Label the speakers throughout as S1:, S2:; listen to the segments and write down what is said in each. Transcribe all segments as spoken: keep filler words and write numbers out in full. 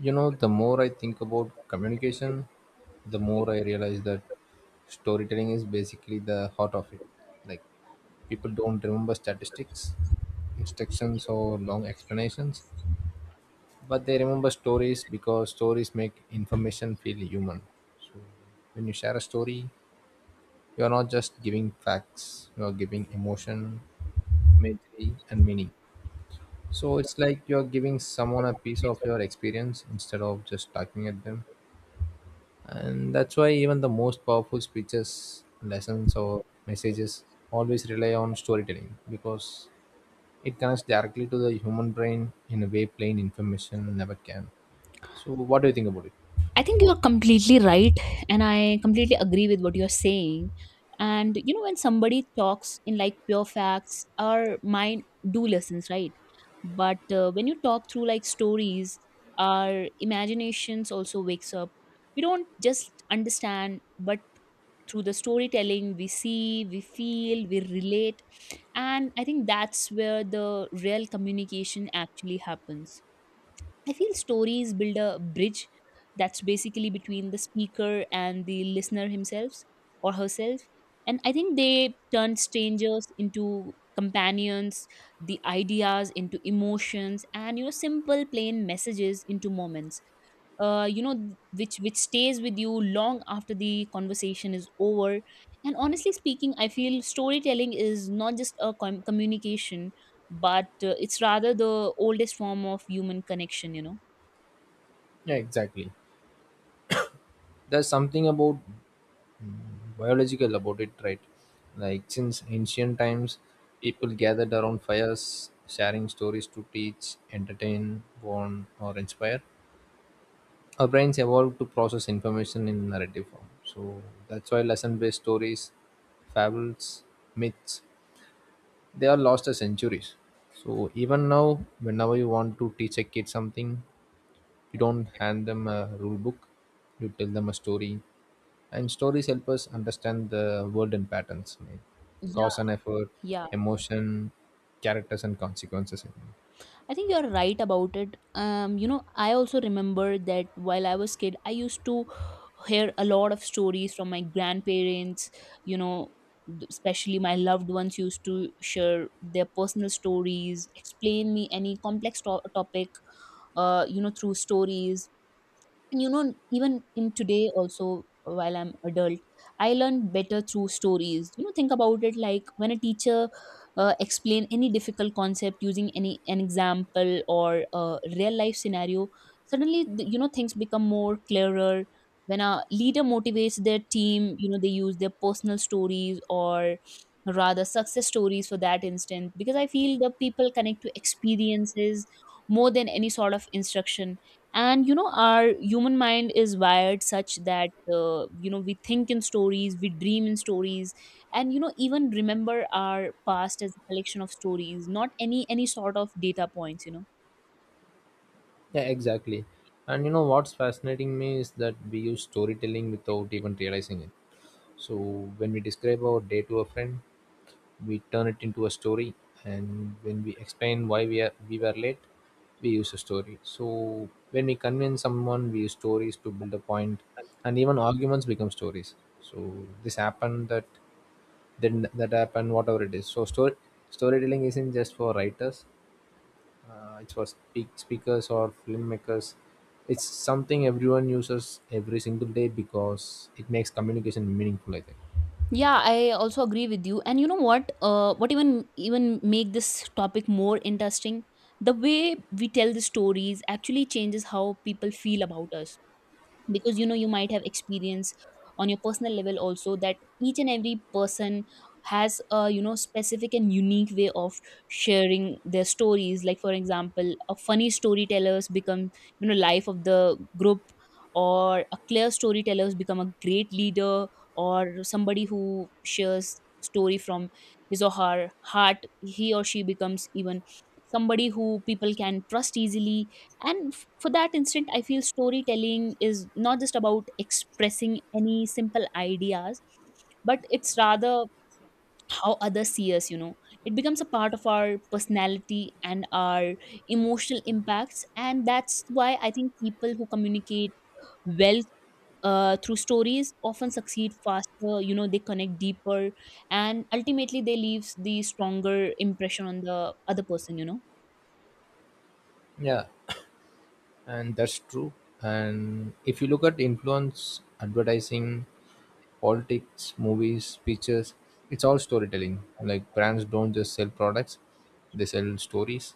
S1: You know, the more I think about communication, the more I realize that storytelling is basically the heart of it. Like, people don't remember statistics, instructions, or long explanations, but they remember stories because stories make information feel human. So, when you share a story, you are not just giving facts, you are giving emotion, imagery, and meaning. So, it's like you are giving someone a piece of your experience instead of just talking at them. And that's why even the most powerful speeches, lessons, or messages always rely on storytelling, because it connects directly to the human brain in a way plain information never can. So what do you think about it?
S2: I think you're completely right, and I completely agree with what you're saying. And you know, when somebody talks in like pure facts, our mind do listens, right? But uh, when you talk through like stories, our imaginations also wakes up. We don't just understand, but through the storytelling, we see, we feel, we relate, and I think that's where the real communication actually happens. I feel stories build a bridge that's basically between the speaker and the listener himself or herself. And I think they turn strangers into companions, the ideas into emotions, and you know, simple plain messages into moments. Uh, you know, th- which which stays with you long after the conversation is over. And honestly speaking, I feel storytelling is not just a com- communication but uh, it's rather the oldest form of human connection, you know.
S1: Yeah, exactly. There's something about, mm, biological about it, right? Like since ancient times, people gathered around fires sharing stories to teach, entertain, warn, or inspire. Our brains evolved to process information in narrative form. So that's why lesson based stories, fables, myths, they are lost as centuries. So even now, whenever you want to teach a kid something, you don't hand them a rule book, you tell them a story. And stories help us understand the world and patterns, right?
S2: Yeah,
S1: Cause and effort,
S2: yeah,
S1: emotion, characters, and consequences, I think.
S2: I think you're right about it. Um you know, I also remember that while I was kid, I used to hear a lot of stories from my grandparents, you know. Th- especially my loved ones used to share their personal stories, explain me any complex to- topic, uh, you know, through stories. And you know, even in today also, while I'm adult, I learn better through stories, you know. Think about it: like when a teacher uh, explain any difficult concept using any an example or a real life scenario, suddenly th- you know, things become more clearer. When a leader motivates their team, you know, they use their personal stories or rather success stories for that instance, because I feel the people connect to experiences more than any sort of instruction. And you know, our human mind is wired such that uh, you know, we think in stories, we dream in stories, and you know, even remember our past as a collection of stories, not any, any sort of data points, you know.
S1: Yeah, exactly. And you know what's fascinating me is that we use storytelling without even realizing it. So when we describe our day to a friend, we turn it into a story, and when we explain why we are we were late, we use a story. So when we convince someone, we use stories to build a point, and even arguments become stories. So this happened, that then that happened, whatever it is. So story storytelling isn't just for writers; uh, it's for speak, speakers or filmmakers. It's something everyone uses every single day because it makes communication meaningful, I think.
S2: Yeah, I also agree with you. And you know what, uh, what even even make this topic more interesting, the way we tell the stories actually changes how people feel about us. Because you know, you might have experience on your personal level also, that each and every person has a, you know, specific and unique way of sharing their stories. Like for example, a funny storytellers become, you know, life of the group, or a clear storytellers become a great leader, or somebody who shares story from his or her heart, he or she becomes even somebody who people can trust easily. And for that instant, I feel storytelling is not just about expressing any simple ideas, but it's rather how others see us, you know. It becomes a part of our personality and our emotional impacts, and that's why I think people who communicate well, uh, through stories often succeed faster, you know. They connect deeper, and ultimately they leave the stronger impression on the other person, you know.
S1: Yeah, and that's true. And if you look at influence, advertising, politics, movies, speeches, it's all storytelling. Like brands don't just sell products, they sell stories.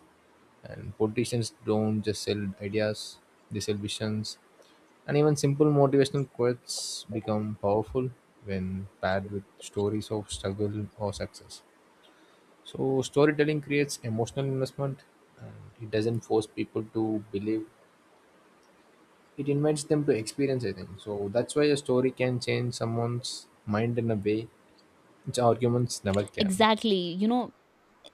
S1: And politicians don't just sell ideas, they sell visions. And even simple motivational quotes become powerful when paired with stories of struggle or success. So storytelling creates emotional investment, and it doesn't force people to believe. It invites them to experience, I think. So that's why a story can change someone's mind in a way which arguments never can.
S2: Exactly, you know,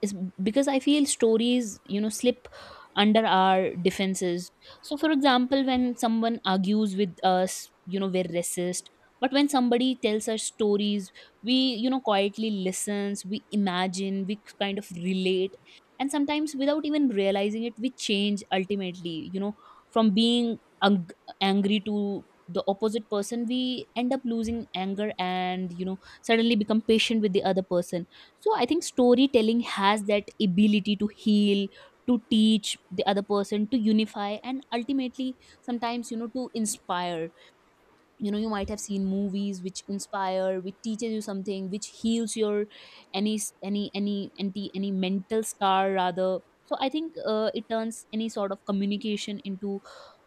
S2: is because I feel stories, you know, slip under our defenses. So for example, when someone argues with us, you know, we're racist. But when somebody tells us stories, we, you know, quietly listens, we imagine, we kind of relate. And sometimes without even realizing it, we change ultimately, you know, from being ang- angry to the opposite person, we end up losing anger, and you know, suddenly become patient with the other person. So I think storytelling has that ability to heal, to teach the other person, to unify, and ultimately sometimes, you know, to inspire. You know, you might have seen movies which inspire, which teaches you something, which heals your any s- any any any, any mental scar rather. So I think uh, it turns any sort of communication into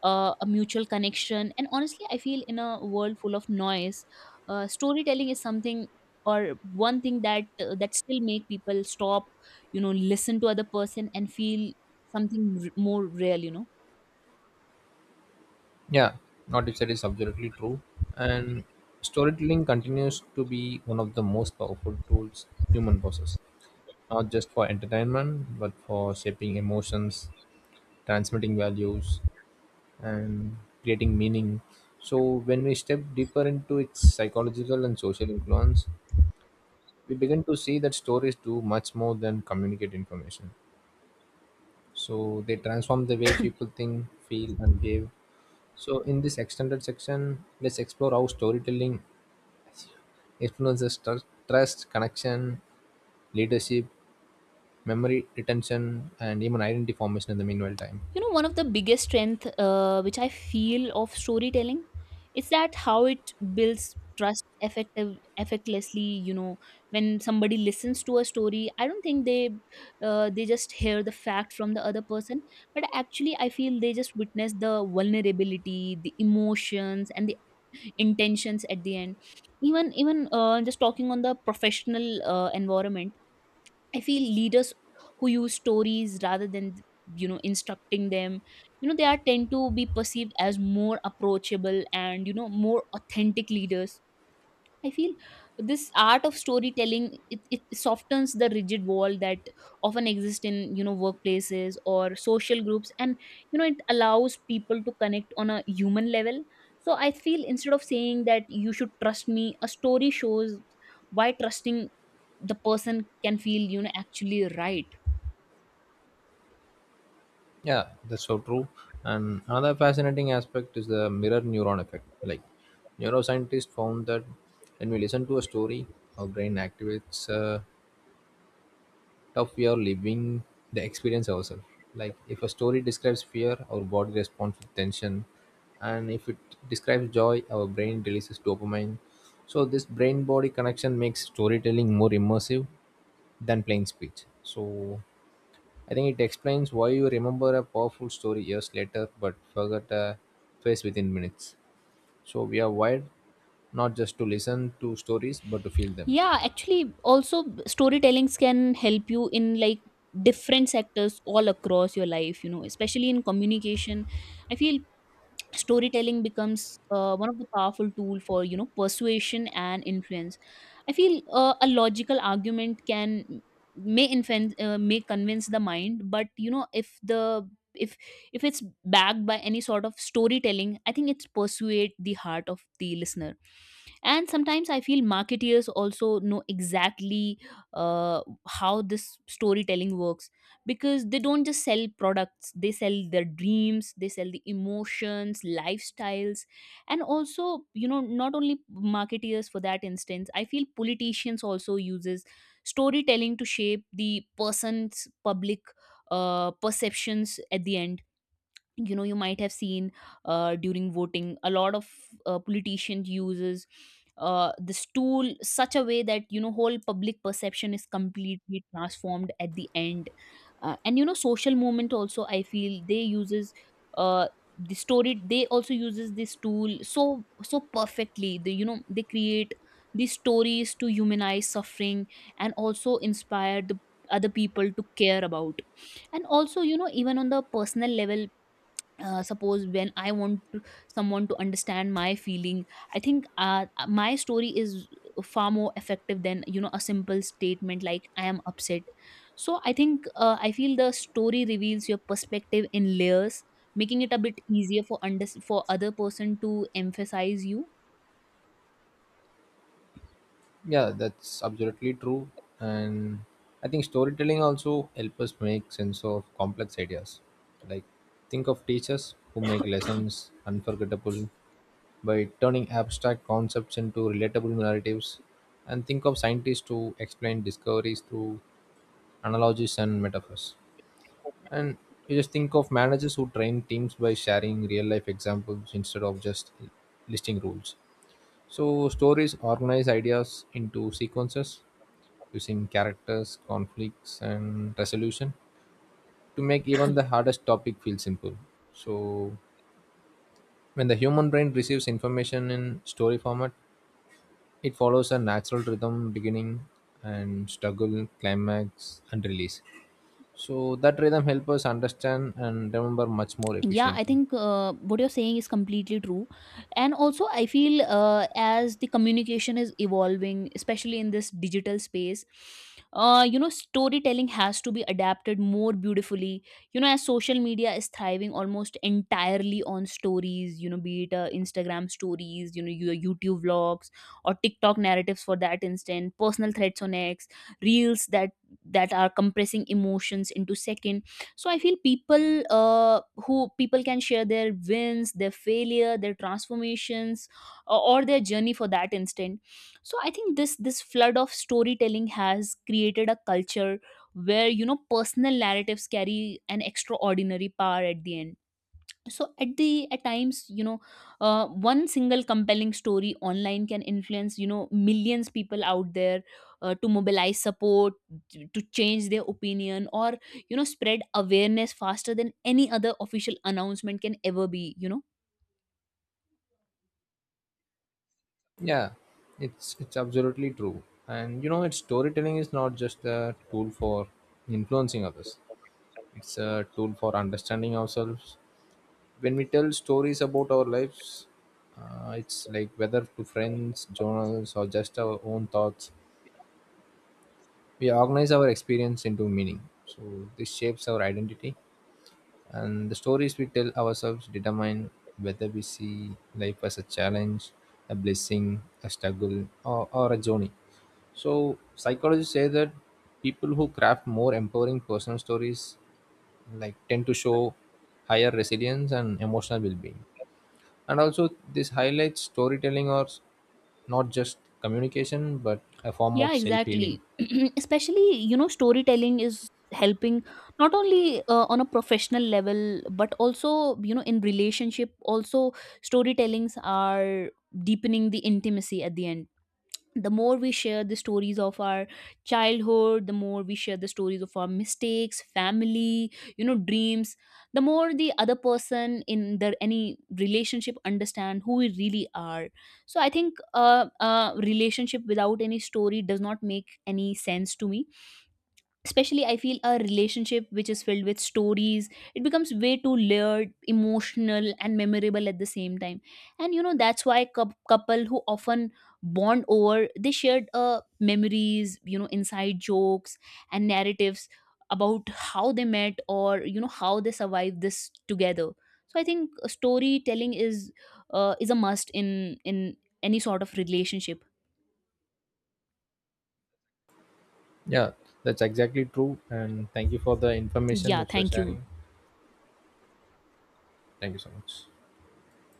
S2: uh, a mutual connection. And honestly, I feel in a world full of noise, uh, storytelling is something or one thing that uh, that still make people stop, you know, listen to other person and feel something r- more real, you know.
S1: Yeah, what you said is absolutely true. And storytelling continues to be one of the most powerful tools human possess, not just for entertainment, but for shaping emotions, transmitting values, and creating meaning. So, when we step deeper into its psychological and social influence, we begin to see that stories do much more than communicate information. So they transform the way people think, feel, and behave. So in this extended section, let's explore how storytelling influences tru- trust, connection, leadership, memory retention, and even identity formation in the meanwhile time.
S2: You know, one of the biggest strength, uh, which I feel of storytelling is that how it builds trust effective effectlessly, you know. When somebody listens to a story, I don't think they uh, they just hear the fact from the other person, but actually I feel they just witness the vulnerability, the emotions, and the intentions at the end. Even even uh, just talking on the professional uh, environment, I feel leaders who use stories rather than, you know, instructing them, you know, they are tend to be perceived as more approachable and, you know, more authentic leaders, I feel. This art of storytelling, it, it softens the rigid wall that often exist in, you know, workplaces or social groups. And you know, it allows people to connect on a human level. So I feel instead of saying that you should trust me, a story shows why trusting the person can feel, you know, actually right.
S1: Yeah, that's so true. And another fascinating aspect is the mirror neuron effect. Like neuroscientists found that when we listen to a story, our brain activates, uh, of we are living the experience ourselves. Like if a story describes fear, our body responds with tension, and if it describes joy, our brain releases dopamine. So this brain-body connection makes storytelling more immersive than plain speech. So I think it explains why you remember a powerful story years later but forget a face within minutes. So we are wired not just to listen to stories but to feel them.
S2: Yeah, actually also b- storytellings can help you in like different sectors all across your life, you know, especially in communication. I feel storytelling becomes uh, one of the powerful tool for, you know, persuasion and influence. I feel uh, a logical argument can may influence, uh, may convince the mind, but you know, if the if if it's backed by any sort of storytelling, I think it's persuade the heart of the listener. And sometimes I feel marketeers also know exactly uh, how this storytelling works, because they don't just sell products, they sell their dreams, they sell the emotions, lifestyles. And also, you know, not only marketeers, for that instance I feel politicians also uses storytelling to shape the person's public uh, perceptions at the end. You know, you might have seen, uh, during voting, a lot of uh, politician uses uh, this tool such a way that, you know, whole public perception is completely transformed at the end. Uh, and you know, social movement also, I feel they uses, uh, the story, they also uses this tool so so perfectly. They, you know, they create these stories to humanize suffering, and also inspire the other people to care about. And also, you know, even on the personal level, uh, suppose when I want to someone to understand my feeling, I think uh, my story is far more effective than, you know, a simple statement like I am upset. So I think uh, I feel the story reveals your perspective in layers, making it a bit easier for under for other person to emphasize you.
S1: Yeah, that's absolutely true. And I think storytelling also help us make sense of complex ideas. Like think of teachers who make lessons unforgettable by turning abstract concepts into relatable narratives, and think of scientists who explain discoveries through analogies and metaphors, and you just think of managers who train teams by sharing real life examples instead of just listing rules. So stories organize ideas into sequences using characters, conflicts, and resolution to make even the hardest topic feel simple. So, when the human brain receives information in story format, it follows a natural rhythm, beginning and struggle, climax, and release. So, that rhythm helps us understand and remember much more
S2: Yeah, I
S1: efficiently.
S2: think uh, what you're saying is completely true. And also I feel uh, as the communication is evolving, especially in this digital space, uh, you know, storytelling has to be adapted more beautifully, you know. As social media is thriving almost entirely on stories, you know, be it uh, Instagram stories, you know, your YouTube vlogs, or TikTok narratives for that instant, personal threads on X, reels that that are compressing emotions into second. So I feel people uh, who, people can share their wins, their failure, their transformations, or, or their journey for that instant. So I think this this flood of storytelling has created a culture where, you know, personal narratives carry an extraordinary power at the end. So at the at times, you know, uh, one single compelling story online can influence, you know, millions people out there, uh, to mobilize support, t- to change their opinion, or you know, spread awareness faster than any other official announcement can ever be, you know.
S1: Yeah, it's it's absolutely true. And you know, it's storytelling is not just a tool for influencing others. It's a tool for understanding ourselves when we tell stories about our lives, uh, it's like whether to friends, journals, or just our own thoughts, we organize our experience into meaning. So this shapes our identity, and the stories we tell ourselves determine whether we see life as a challenge, a blessing, a struggle, or, or a journey. So psychologists say that people who craft more empowering personal stories like tend to show higher resilience and emotional well-being. And also, this highlights storytelling or s- not just communication, but a form
S2: Yeah,
S1: of self healing.
S2: exactly. Especially, you know, storytelling is helping not only, uh, on a professional level, but also, you know, in relationship also, storytellings are deepening the intimacy at the end. The more we share the stories of our childhood, the more we share the stories of our mistakes, family, you know, dreams, the more the other person in their any relationship understand who we really are. So I think uh, uh, relationship without any story does not make any sense to me. Especially I feel a relationship which is filled with stories, it becomes way too layered, emotional, and memorable at the same time. And you know, that's why cou- couple who often bond over they shared, uh, memories, you know, inside jokes and narratives about how they met, or you know, how they survived this together. So I think uh, storytelling is uh, is a must in in any sort of relationship.
S1: Yeah, that's exactly true. And thank you for the information
S2: Yeah,
S1: which you're
S2: thank you.
S1: sharing. Thank you so much.